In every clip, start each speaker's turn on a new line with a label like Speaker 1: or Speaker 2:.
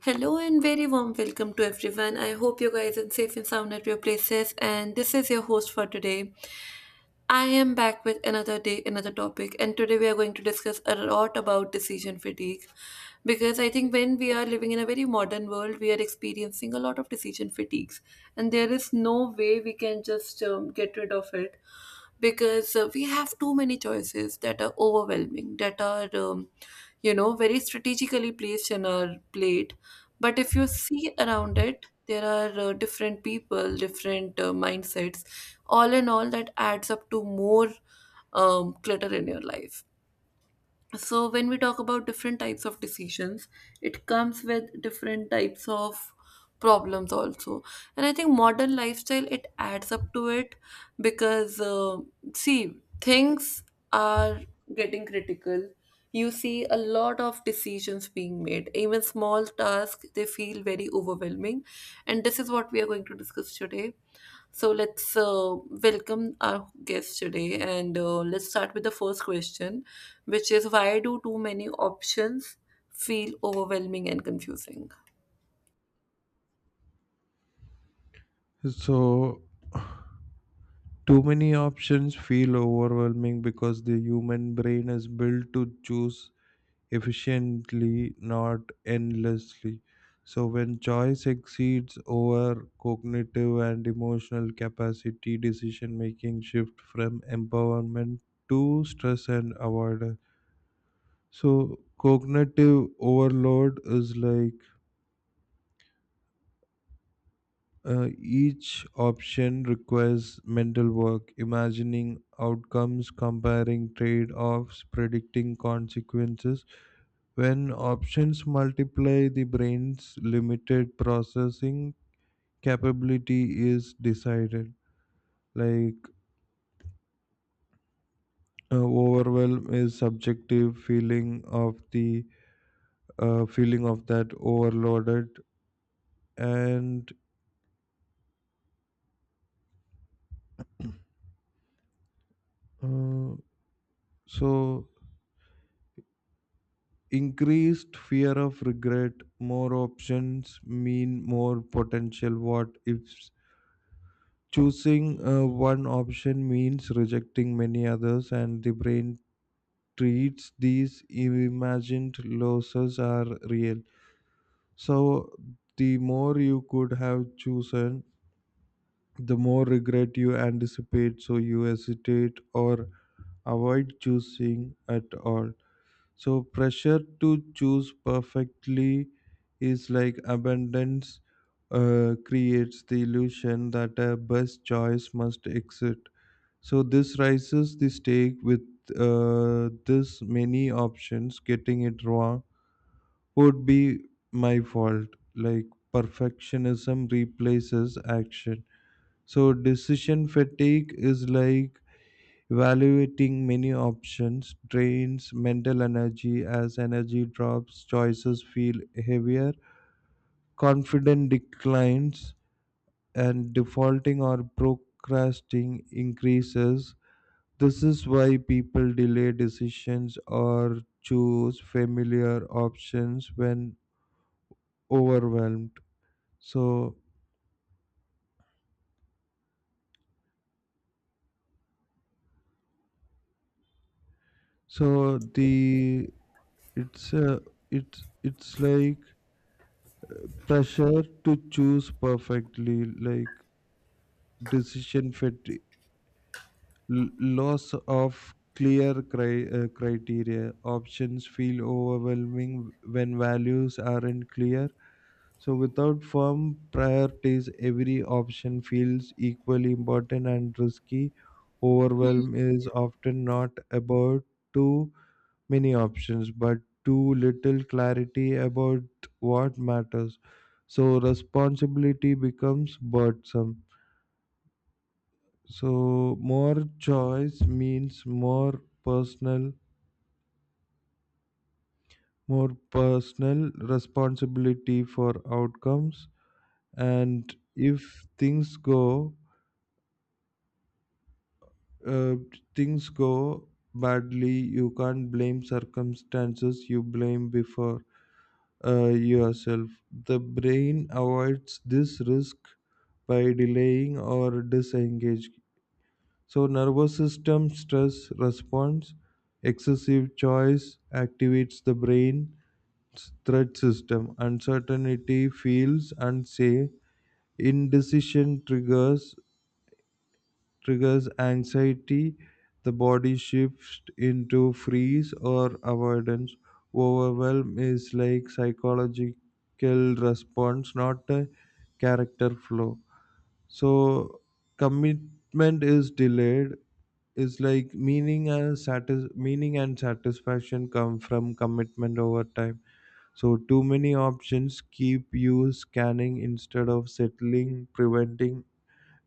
Speaker 1: Hello and very warm welcome to everyone. I hope you guys are safe and sound at your places. And this is your host for today. I am back with another day, another topic, and today we are going to discuss a lot about decision fatigue. Because I think when we are living in a very modern world, we are experiencing a lot of decision fatigues, and there is no way we can just get rid of it because we have too many choices that are overwhelming, that are, very strategically placed in our plate. But if you see around it, there are different people, different mindsets. All in all, that adds up to more clutter in your life. So, when we talk about different types of decisions, it comes with different types of problems also. And I think modern lifestyle, it adds up to it because see, things are getting critical. You see a lot of decisions being made. Even small tasks, they feel very overwhelming, and this is what we are going to discuss today. So let's welcome our guest today, and let's start with the first question, which is why do too many options feel overwhelming and confusing?
Speaker 2: So, too many options feel overwhelming because the human brain is built to choose efficiently, not endlessly. So, when choice exceeds over cognitive and emotional capacity, decision making shift from empowerment to stress and avoidance. So, cognitive overload is like each option requires mental work, imagining outcomes, comparing trade offs, predicting consequences. When options multiply, the brain's limited processing capability is decided. Like overwhelm is subjective feeling of the feeling of that overloaded, and uh, so increased fear of regret, more options mean more potential what if, choosing one option means rejecting many others, and the brain treats these imagined losses are real. So the more you could have chosen, the more regret you anticipate, so you hesitate or avoid choosing at all. So pressure to choose perfectly is like abundance creates the illusion that a best choice must exist. So this raises the stake with this many options. Getting it wrong would be my fault. Like perfectionism replaces action. So decision fatigue is like evaluating many options drains mental energy. As energy drops, choices feel heavier, confidence declines, and defaulting or procrastinating increases. This is why people delay decisions or choose familiar options when overwhelmed. So, so the it's uh, it's like pressure to choose perfectly, like decision fatigue, l- loss of clear criteria. Options feel overwhelming when values aren't clear. So, without firm priorities, every option feels equally important and risky. Overwhelm is often not about too many options, but too little clarity about what matters. So, responsibility becomes burdensome. So more choice means more personal responsibility for outcomes. And if uh, things go badly, you can't blame circumstances. You blame before yourself. The brain avoids this risk by delaying or disengaging. So nervous system stress response, excessive choice activates the brain threat system. Uncertainty feels unsafe. Indecision triggers anxiety. The body shifts into freeze or avoidance. Overwhelm is like psychological response, not a character flow. So commitment is delayed is like meaning and satisfaction come from commitment over time. So too many options keep you scanning instead of settling, preventing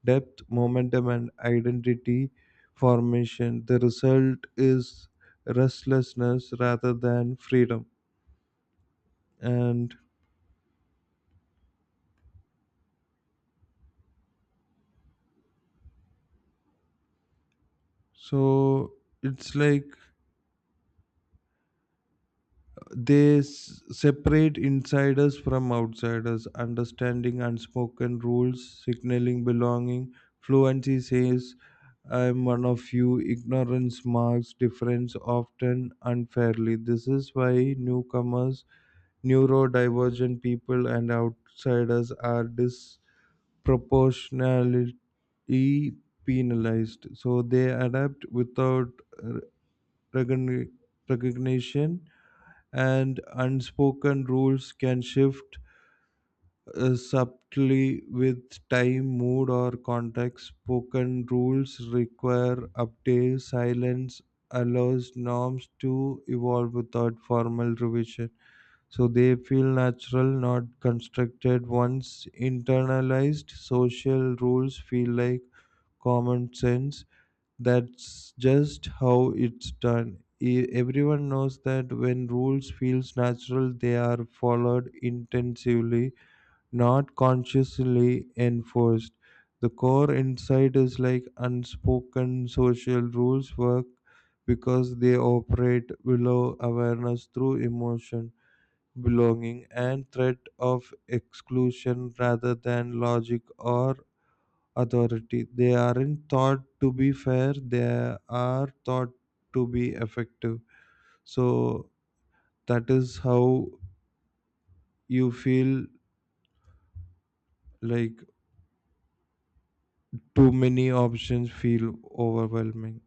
Speaker 2: depth, momentum, and identity formation. The result is restlessness rather than freedom. And so it's like they separate insiders from outsiders, understanding unspoken rules, signaling belonging. Fluency says, I'm one of you. Ignorance marks difference often unfairly. This is why newcomers, neurodivergent people, and outsiders are disproportionately penalized. So they adapt without uh, recogni- recognition, and unspoken rules can shift subtly with time, mood, or context. Spoken rules require update. Silence allows norms to evolve without formal revision. So they feel natural, not constructed. Once internalized, social rules feel like common sense, that's just how it's done. Everyone knows that when rules feels natural they are followed intensively, not consciously enforced. The core insight is like unspoken social rules work because they operate below awareness through emotion, belonging, and threat of exclusion rather than logic or authority. They aren't thought to be fair, they are thought to be effective. So that is how you feel like too many options feel overwhelming.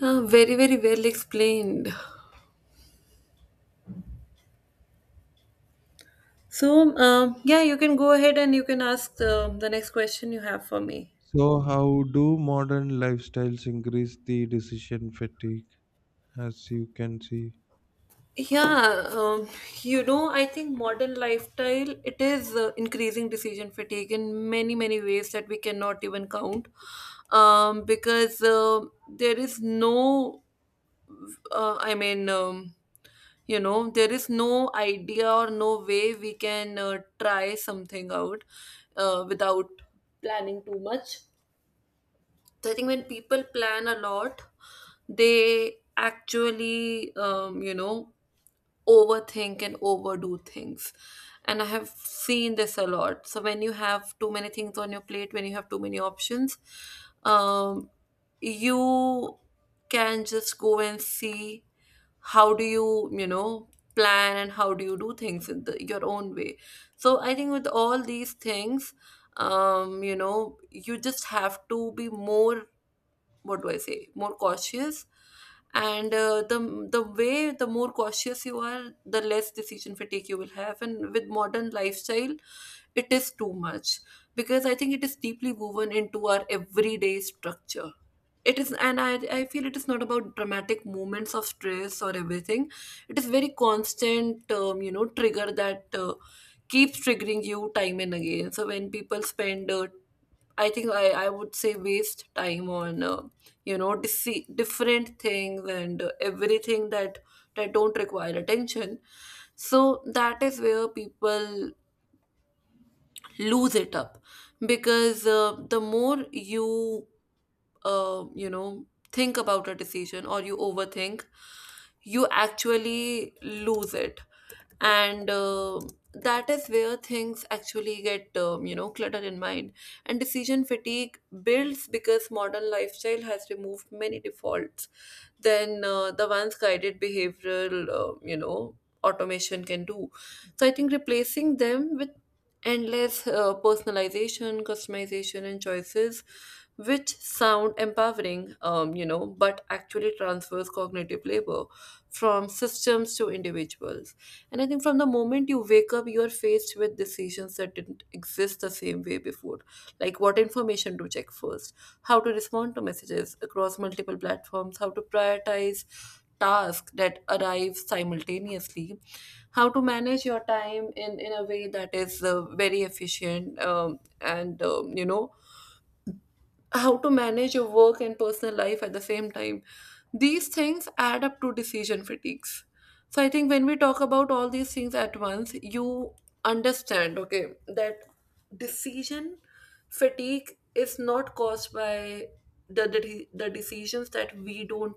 Speaker 1: Yeah, very very well explained. So, yeah, you can go ahead and you can ask the next question you have for me.
Speaker 2: So, how do modern lifestyles increase the decision fatigue? As you can see,
Speaker 1: Yeah, I think modern lifestyle, it is increasing decision fatigue in many many ways that we cannot even count, because there is no, I mean, there is no idea or no way we can try something out without planning too much. So I think when people plan a lot, they actually, overthink and overdo things. And I have seen this a lot. So when you have too many things on your plate, when you have too many options, um, you can just go and see how do you, you know, plan and how do you do things in the, your own way. So I think with all these things, you just have to be more, what do I say, more cautious, and the way, the more cautious you are, the less decision fatigue you will have. And with modern lifestyle, it is too much because I think it is deeply woven into our everyday structure. It is, and I feel it is not about dramatic moments of stress or everything. It is very constant trigger that keeps triggering you time and again. So when people spend, I would say, waste time on different things and everything, that don't require attention. So that is where people lose it up because the more you you know think about a decision or you overthink, you actually lose it. And that is where things actually get cluttered in mind. And decision fatigue builds because modern lifestyle has removed many defaults than the ones guided behavioral, automation can do. So I think replacing them with endless personalization, customization, and choices, which sound empowering, but actually transfers cognitive labor from systems to individuals. And I think from the moment you wake up, you are faced with decisions that didn't exist the same way before. Like what information to check first, how to respond to messages across multiple platforms, how to prioritize tasks that arrive simultaneously, how to manage your time in a way that is very efficient and how to manage your work and personal life at the same time. These things add up to decision fatigues. So I think when we talk about all these things at once, you understand, okay, that decision fatigue is not caused by the decisions that we don't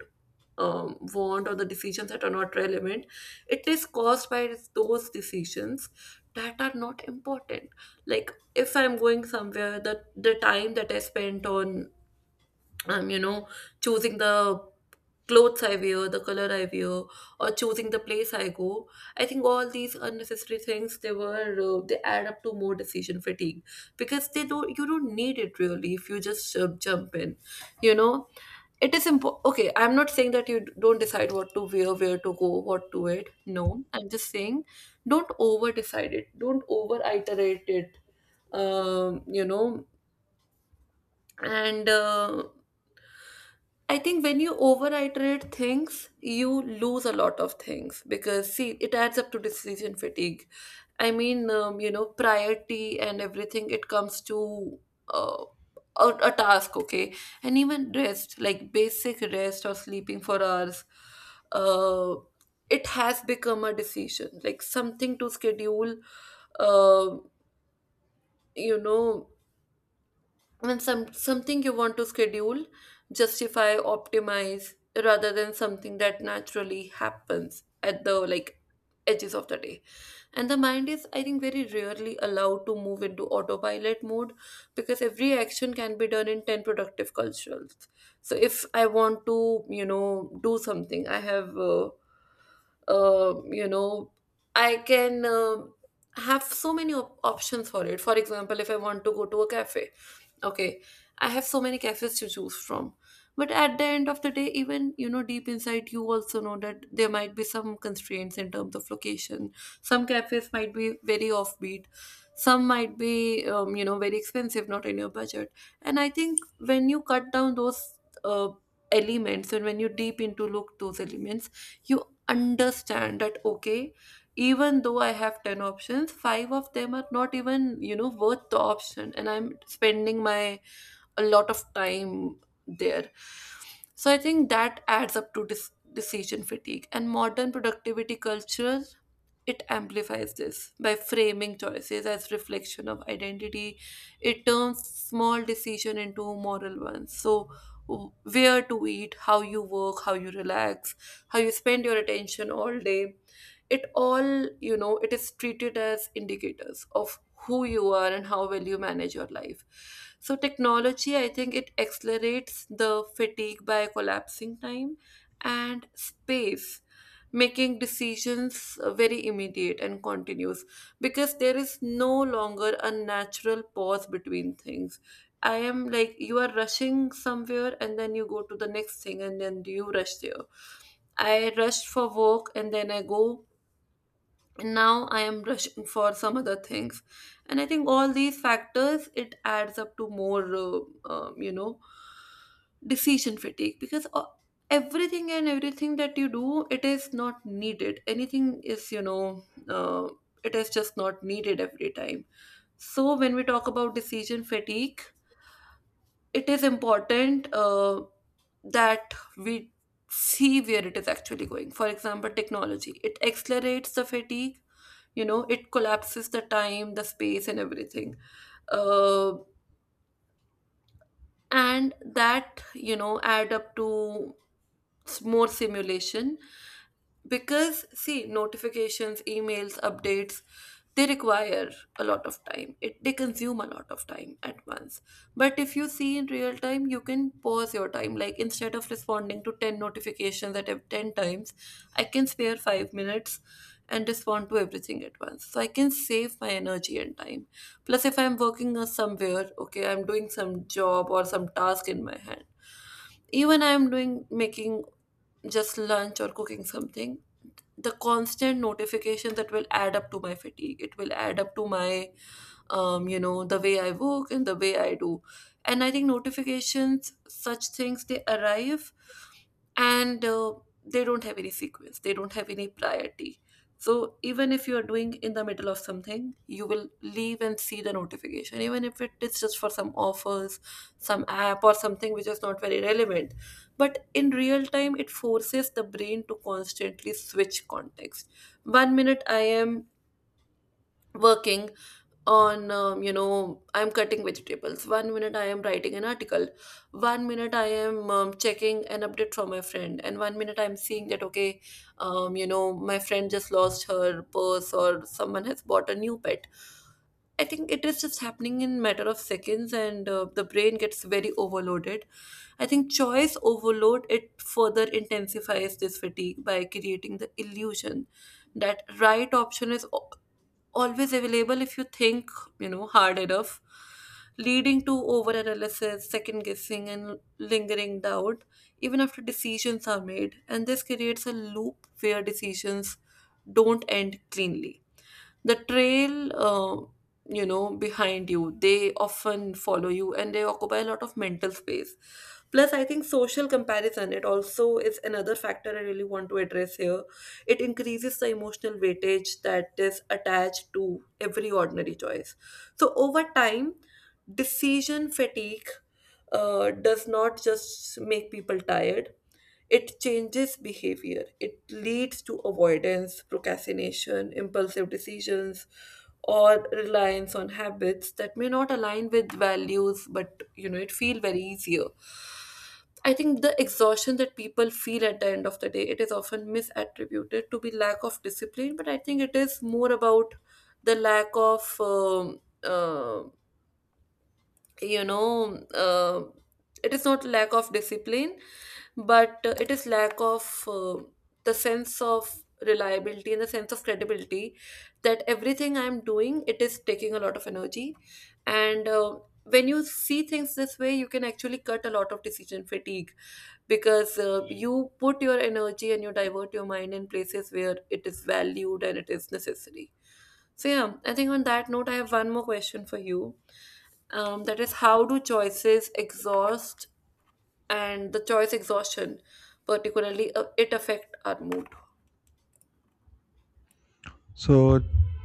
Speaker 1: want or the decisions that are not relevant. It is caused by those decisions that are not important. Like if I'm going somewhere, the time that I spent on um, you know, choosing the clothes I wear, the color I wear, or choosing the place I go, I think all these unnecessary things, they add up to more decision fatigue because they don't you don't need it really if you just jump in, you know. It is important. Okay, I'm not saying that you don't decide what to wear, where to go, what to eat. No, I'm just saying don't over decide it. Don't over iterate it, you know, and I think when you overiterate things, you lose a lot of things because see, it adds up to decision fatigue. I mean, priority and everything, it comes to uh, a task, okay. And even rest, like basic rest or sleeping for hours, uh, it has become a decision, like something to schedule, uh, you know when something you want to schedule, justify, optimize rather than something that naturally happens at the, like, edges of the day. And the mind is, I think, very rarely allowed to move into autopilot mode because every action can be done in 10 productive cultures. So if I want to, you know, do something, uh, you know, I can have so many options for it. For example, if I want to go to a cafe, okay, I have so many cafes to choose from. But at the end of the day, even, you know, deep inside, you also know that there might be some constraints in terms of location. Some cafes might be very offbeat, some might be very expensive, not in your budget. And I think when you cut down those uh, elements, and when you deep into look those elements, you understand that okay, even though I have 10 options, five of them are not even, you know, worth the option, and I'm spending my a lot of time there. So I think that adds up to decision fatigue. And modern productivity culture, it amplifies this by framing choices as reflection of identity. It turns small decision into moral ones. So, where to eat, how you work, how you relax, how you spend your attention all day, it all, you know, it is treated as indicators of who you are and how well you manage your life. So technology, I think it accelerates the fatigue by collapsing time and space, making decisions very immediate and continuous because there is no longer a natural pause between things. I am like, you are rushing somewhere and then you go to the next thing and then you rush there. I rushed for work and then I go, and now I am rushing for some other things. And I think all these factors, it adds up to more um, you know decision fatigue because everything and everything that you do, it is not needed. Anything is, you know, uh, it is just not needed every time. So when we talk about decision fatigue, it is important that we see where it is actually going. For example, technology, it accelerates the fatigue, you know, it collapses the time, the space, and everything, uh, and that, you know, add up to more simulation. Because see, notifications, emails, updates, they require a lot of time, it they consume a lot of time at once. But if you see in real time, you can pause your time. Like instead of responding to 10 notifications at 10 times, I can spare 5 minutes and respond to everything at once, so I can save my energy and time. Plus, if I'm working somewhere, okay, I'm doing some job or some task in my hand, even I'm doing making just lunch or cooking something, the constant notification that will add up to my fatigue. It will add up to my the way I work and the way I do. And I think notifications, such things, they arrive, and they don't have any sequence, they don't have any priority. So even if you are doing in the middle of something, you will leave and see the notification, even if it is just for some offers, some app or something which is not very relevant. But in real time, it forces the brain to constantly switch context. One minute I am working on, I'm cutting vegetables, one minute I am writing an article, one minute I am, checking an update from my friend, and one minute I'm seeing that okay, my friend just lost her purse or someone has bought a new pet. I think it is just happening in matter of seconds, and the brain gets very overloaded. I think choice overload, it further intensifies this fatigue by creating the illusion that right option is always available if you think, you know, hard enough, leading to overanalysis, second guessing, and lingering doubt even after decisions are made. And this creates a loop where decisions don't end cleanly. The trail, behind you, they often follow you and they occupy a lot of mental space. Plus, I think social comparison, it also is another factor I really want to address here. It increases the emotional weightage that is attached to every ordinary choice. So over time, decision fatigue does not just make people tired, it changes behavior. It leads to avoidance, procrastination, impulsive decisions, or reliance on habits that may not align with values, but you know, it feel very easier. I think the exhaustion that people feel at the end of the day, it is often misattributed to be lack of discipline, but I think it is more about the lack of you know uh, it is not lack of discipline, but it is lack of the sense of reliability and the sense of credibility, that everything I'm doing, it is taking a lot of energy. And when you see things this way, you can actually cut a lot of decision fatigue because you put your energy and you divert your mind in places where it is valued and it is necessary. So yeah, I think on that note, I have one more question for you. That is, how do choices exhaust, and the choice exhaustion, particularly, it affect our mood?
Speaker 2: so,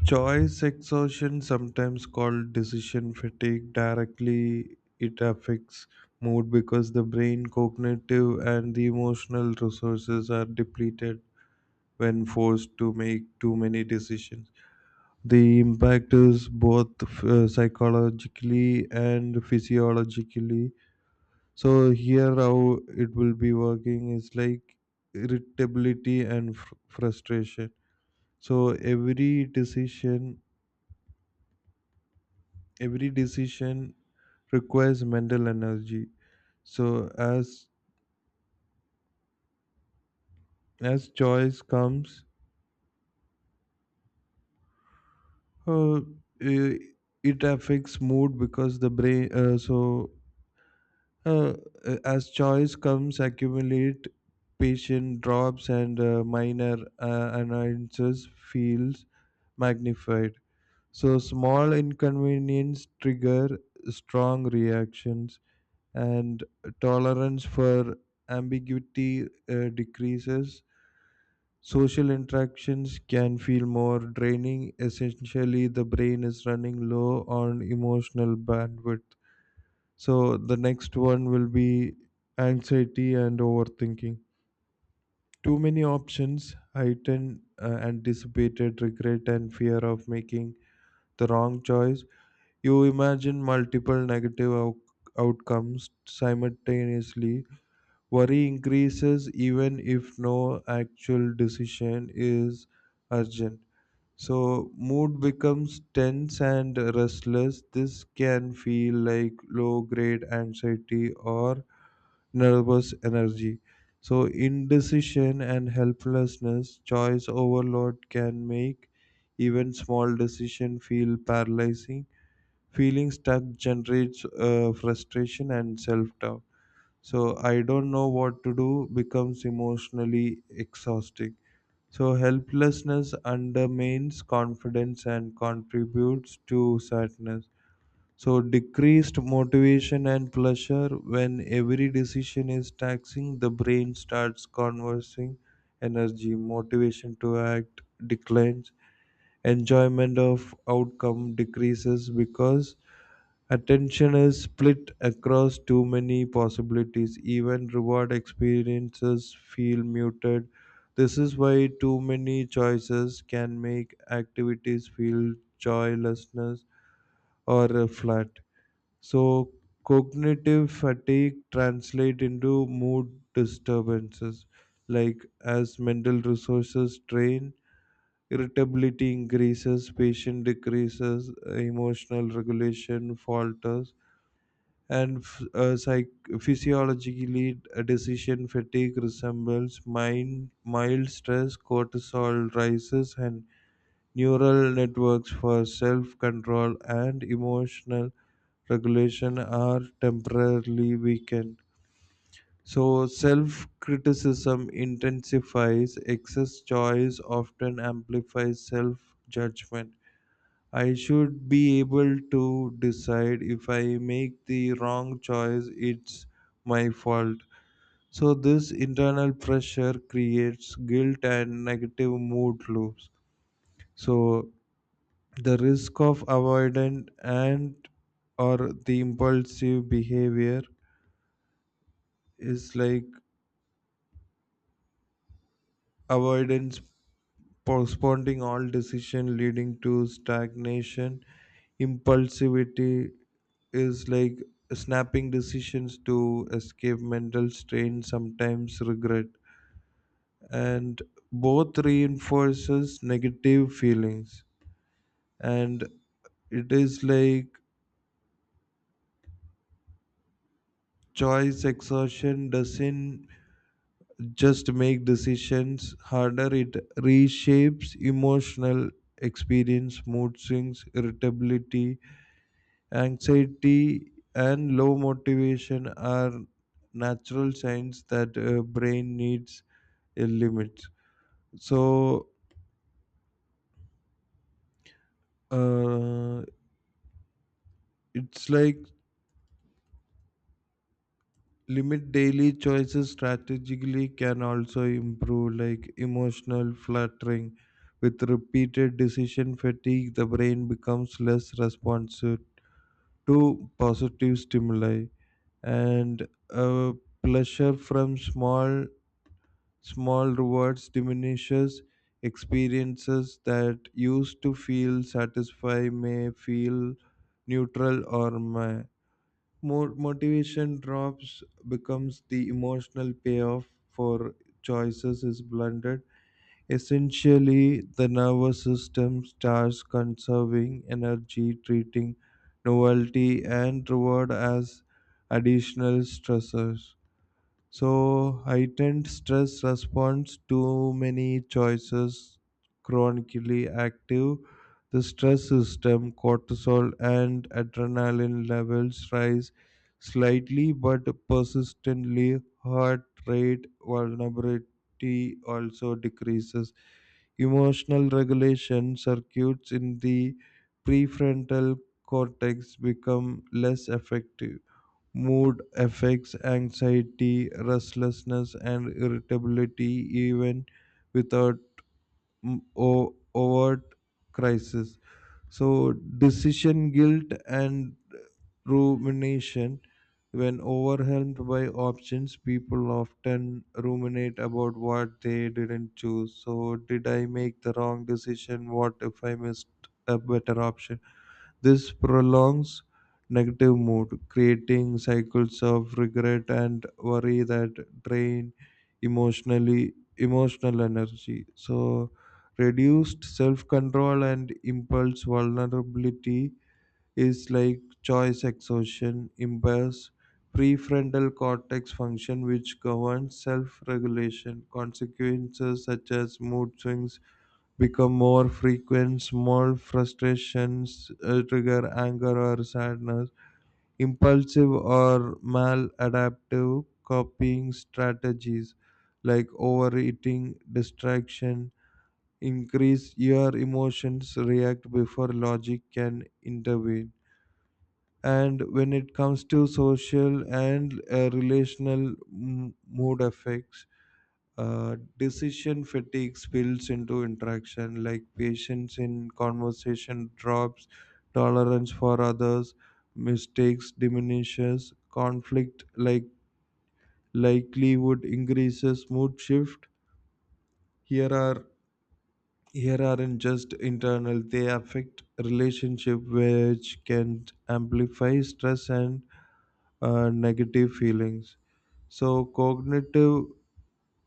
Speaker 2: choice exhaustion, sometimes called decision fatigue, directly it affects mood because the brain, cognitive, and the emotional resources are depleted when forced to make too many decisions. The impact is both psychologically and physiologically. So, here how it will be working is like irritability and frustration. So, every decision requires mental energy. So as as choice comes uh, I- it affects mood because the brain so uh, as choice comes accumulate, patient drops, and minor annoyances feels magnified. So small inconvenience trigger strong reactions, and tolerance for ambiguity decreases. Social interactions can feel more draining. Essentially, the brain is running low on emotional bandwidth. So, the next one will be anxiety and overthinking. Too many options heighten anticipated regret and fear of making the wrong choice. You imagine multiple negative outcomes simultaneously. Worry increases even if no actual decision is urgent. So, mood becomes tense and restless. This can feel like low grade anxiety or nervous energy. So, indecision and helplessness, choice overload can make even small decision feel paralyzing. Feeling stuck generates frustration and self doubt. So I don't know what to do becomes emotionally exhausting. So helplessness undermines confidence and contributes to sadness. So decreased motivation and pleasure, when every decision is taxing, the brain starts conversing energy, motivation to act declines, enjoyment of outcome decreases because attention is split across too many possibilities. Even reward experiences feel muted. This is why too many choices can make activities feel joylessness or flat. So cognitive fatigue translate into mood disturbances, like as mental resources drain, irritability increases, patience decreases, emotional regulation falters, and physiologically, decision fatigue resembles mild stress, cortisol rises, and neural networks for self control and emotional regulation are temporarily weakened. So self criticism intensifies, excess choice often amplifies self judgment. I should be able to decide. If I make the wrong choice, it's my fault. So, this internal pressure creates guilt and negative mood loops. So, the risk of avoidant and or the impulsive behavior is like avoidance, postponing all decision leading to stagnation. Impulsivity is like snapping decisions to escape mental strain, sometimes regret, and both reinforces negative feelings. And it is like choice exhaustion doesn't just make decisions harder, it reshapes emotional experience. Mood swings, irritability, anxiety, and low motivation are natural signs that brain needs a limit. So uh, it's like limit daily choices strategically can also improve like emotional fluttering. With repeated decision fatigue, the brain becomes less responsive to positive stimuli, and uh, pleasure from small small rewards diminishes. Experiences that used to feel satisfy may feel neutral or my, more motivation drops, becomes the emotional payoff for choices is blunted. Essentially, the nervous system starts conserving energy, treating novelty and reward as additional stressors. So heightened stress response, too many choices, chronically active, the stress system, cortisol and adrenaline levels rise slightly but persistently. Heart rate vulnerability also decreases. Emotional regulation circuits in the prefrontal cortex become less effective. Mood affects anxiety, restlessness, and irritability even without overt crisis. So, decision guilt and rumination. When overwhelmed by options, people often ruminate about what they didn't choose. So, did I make the wrong decision? What if I missed a better option? This prolongs negative mood, creating cycles of regret and worry that drain emotional energy. So reduced self-control and impulse vulnerability is like choice exhaustion impairs prefrontal cortex function which governs self-regulation. Consequences such as mood swings become more frequent. Small frustrations trigger anger or sadness. Impulsive or maladaptive copying strategies like overeating, distraction, increase your emotions react before logic can intervene. And when it comes to social and mood effects, decision fatigue spills into interaction, like patience in conversation drops, tolerance for others, mistakes diminishes, conflict likelihood increases, mood shift. Here are Here aren't just internal; they affect relationship, which can amplify stress and negative feelings. So cognitive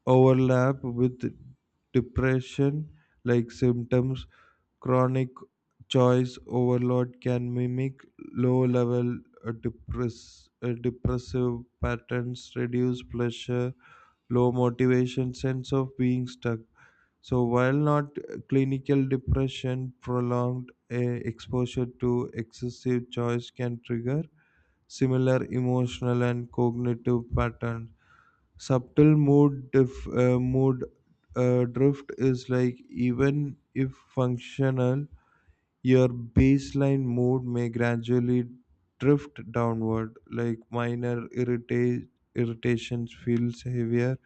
Speaker 2: overlap with depression like symptoms, chronic choice overload can mimic low level depressive patterns, reduce pleasure, low motivation, sense of being stuck. So while not clinical depression, prolonged exposure to excessive choice can trigger similar emotional and cognitive patterns. Mood drift is like even if functional, your baseline mood may gradually drift downward. Like minor irritations feels heavier,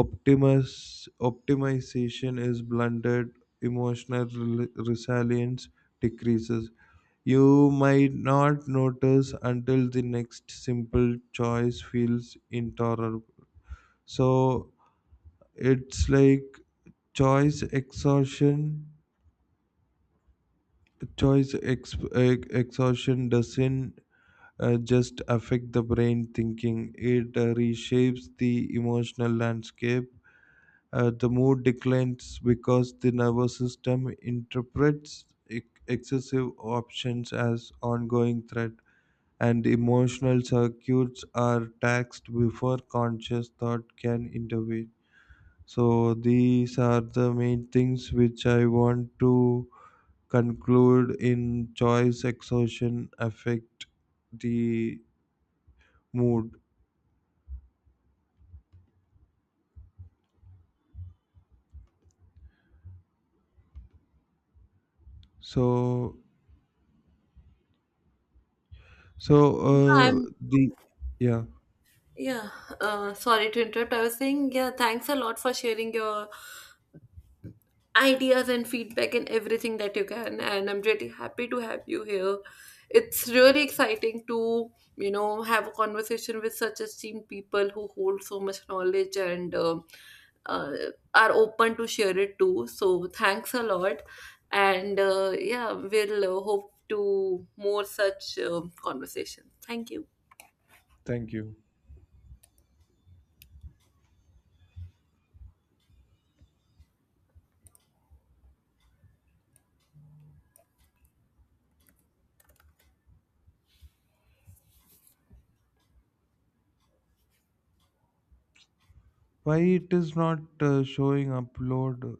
Speaker 2: optimus optimization is blunted, emotional resilience decreases. You might not notice until the next simple choice feels intolerable. So it's like choice exhaustion. choice exhaustion doesn't just affect the brain thinking, it reshapes the emotional landscape. The mood declines because the nervous system interprets excessive options as ongoing threat, and emotional circuits are taxed before conscious thought can intervene. So these are the main things which I want to conclude in choice exhaustion affect the mood. So so
Speaker 1: Yeah, I'm.
Speaker 2: the Yeah,
Speaker 1: Yeah, sorry to interrupt. I was saying, yeah, thanks a lot for sharing your ideas and feedback and everything that you can. And I'm really happy to have you here. It's really exciting to, you know, have a conversation with such esteemed people who hold so much knowledge and uh, are open to share it too. So thanks a lot. And yeah, we'll hope to more such conversations. Thank you.
Speaker 2: thank you. Why it is not showing upload.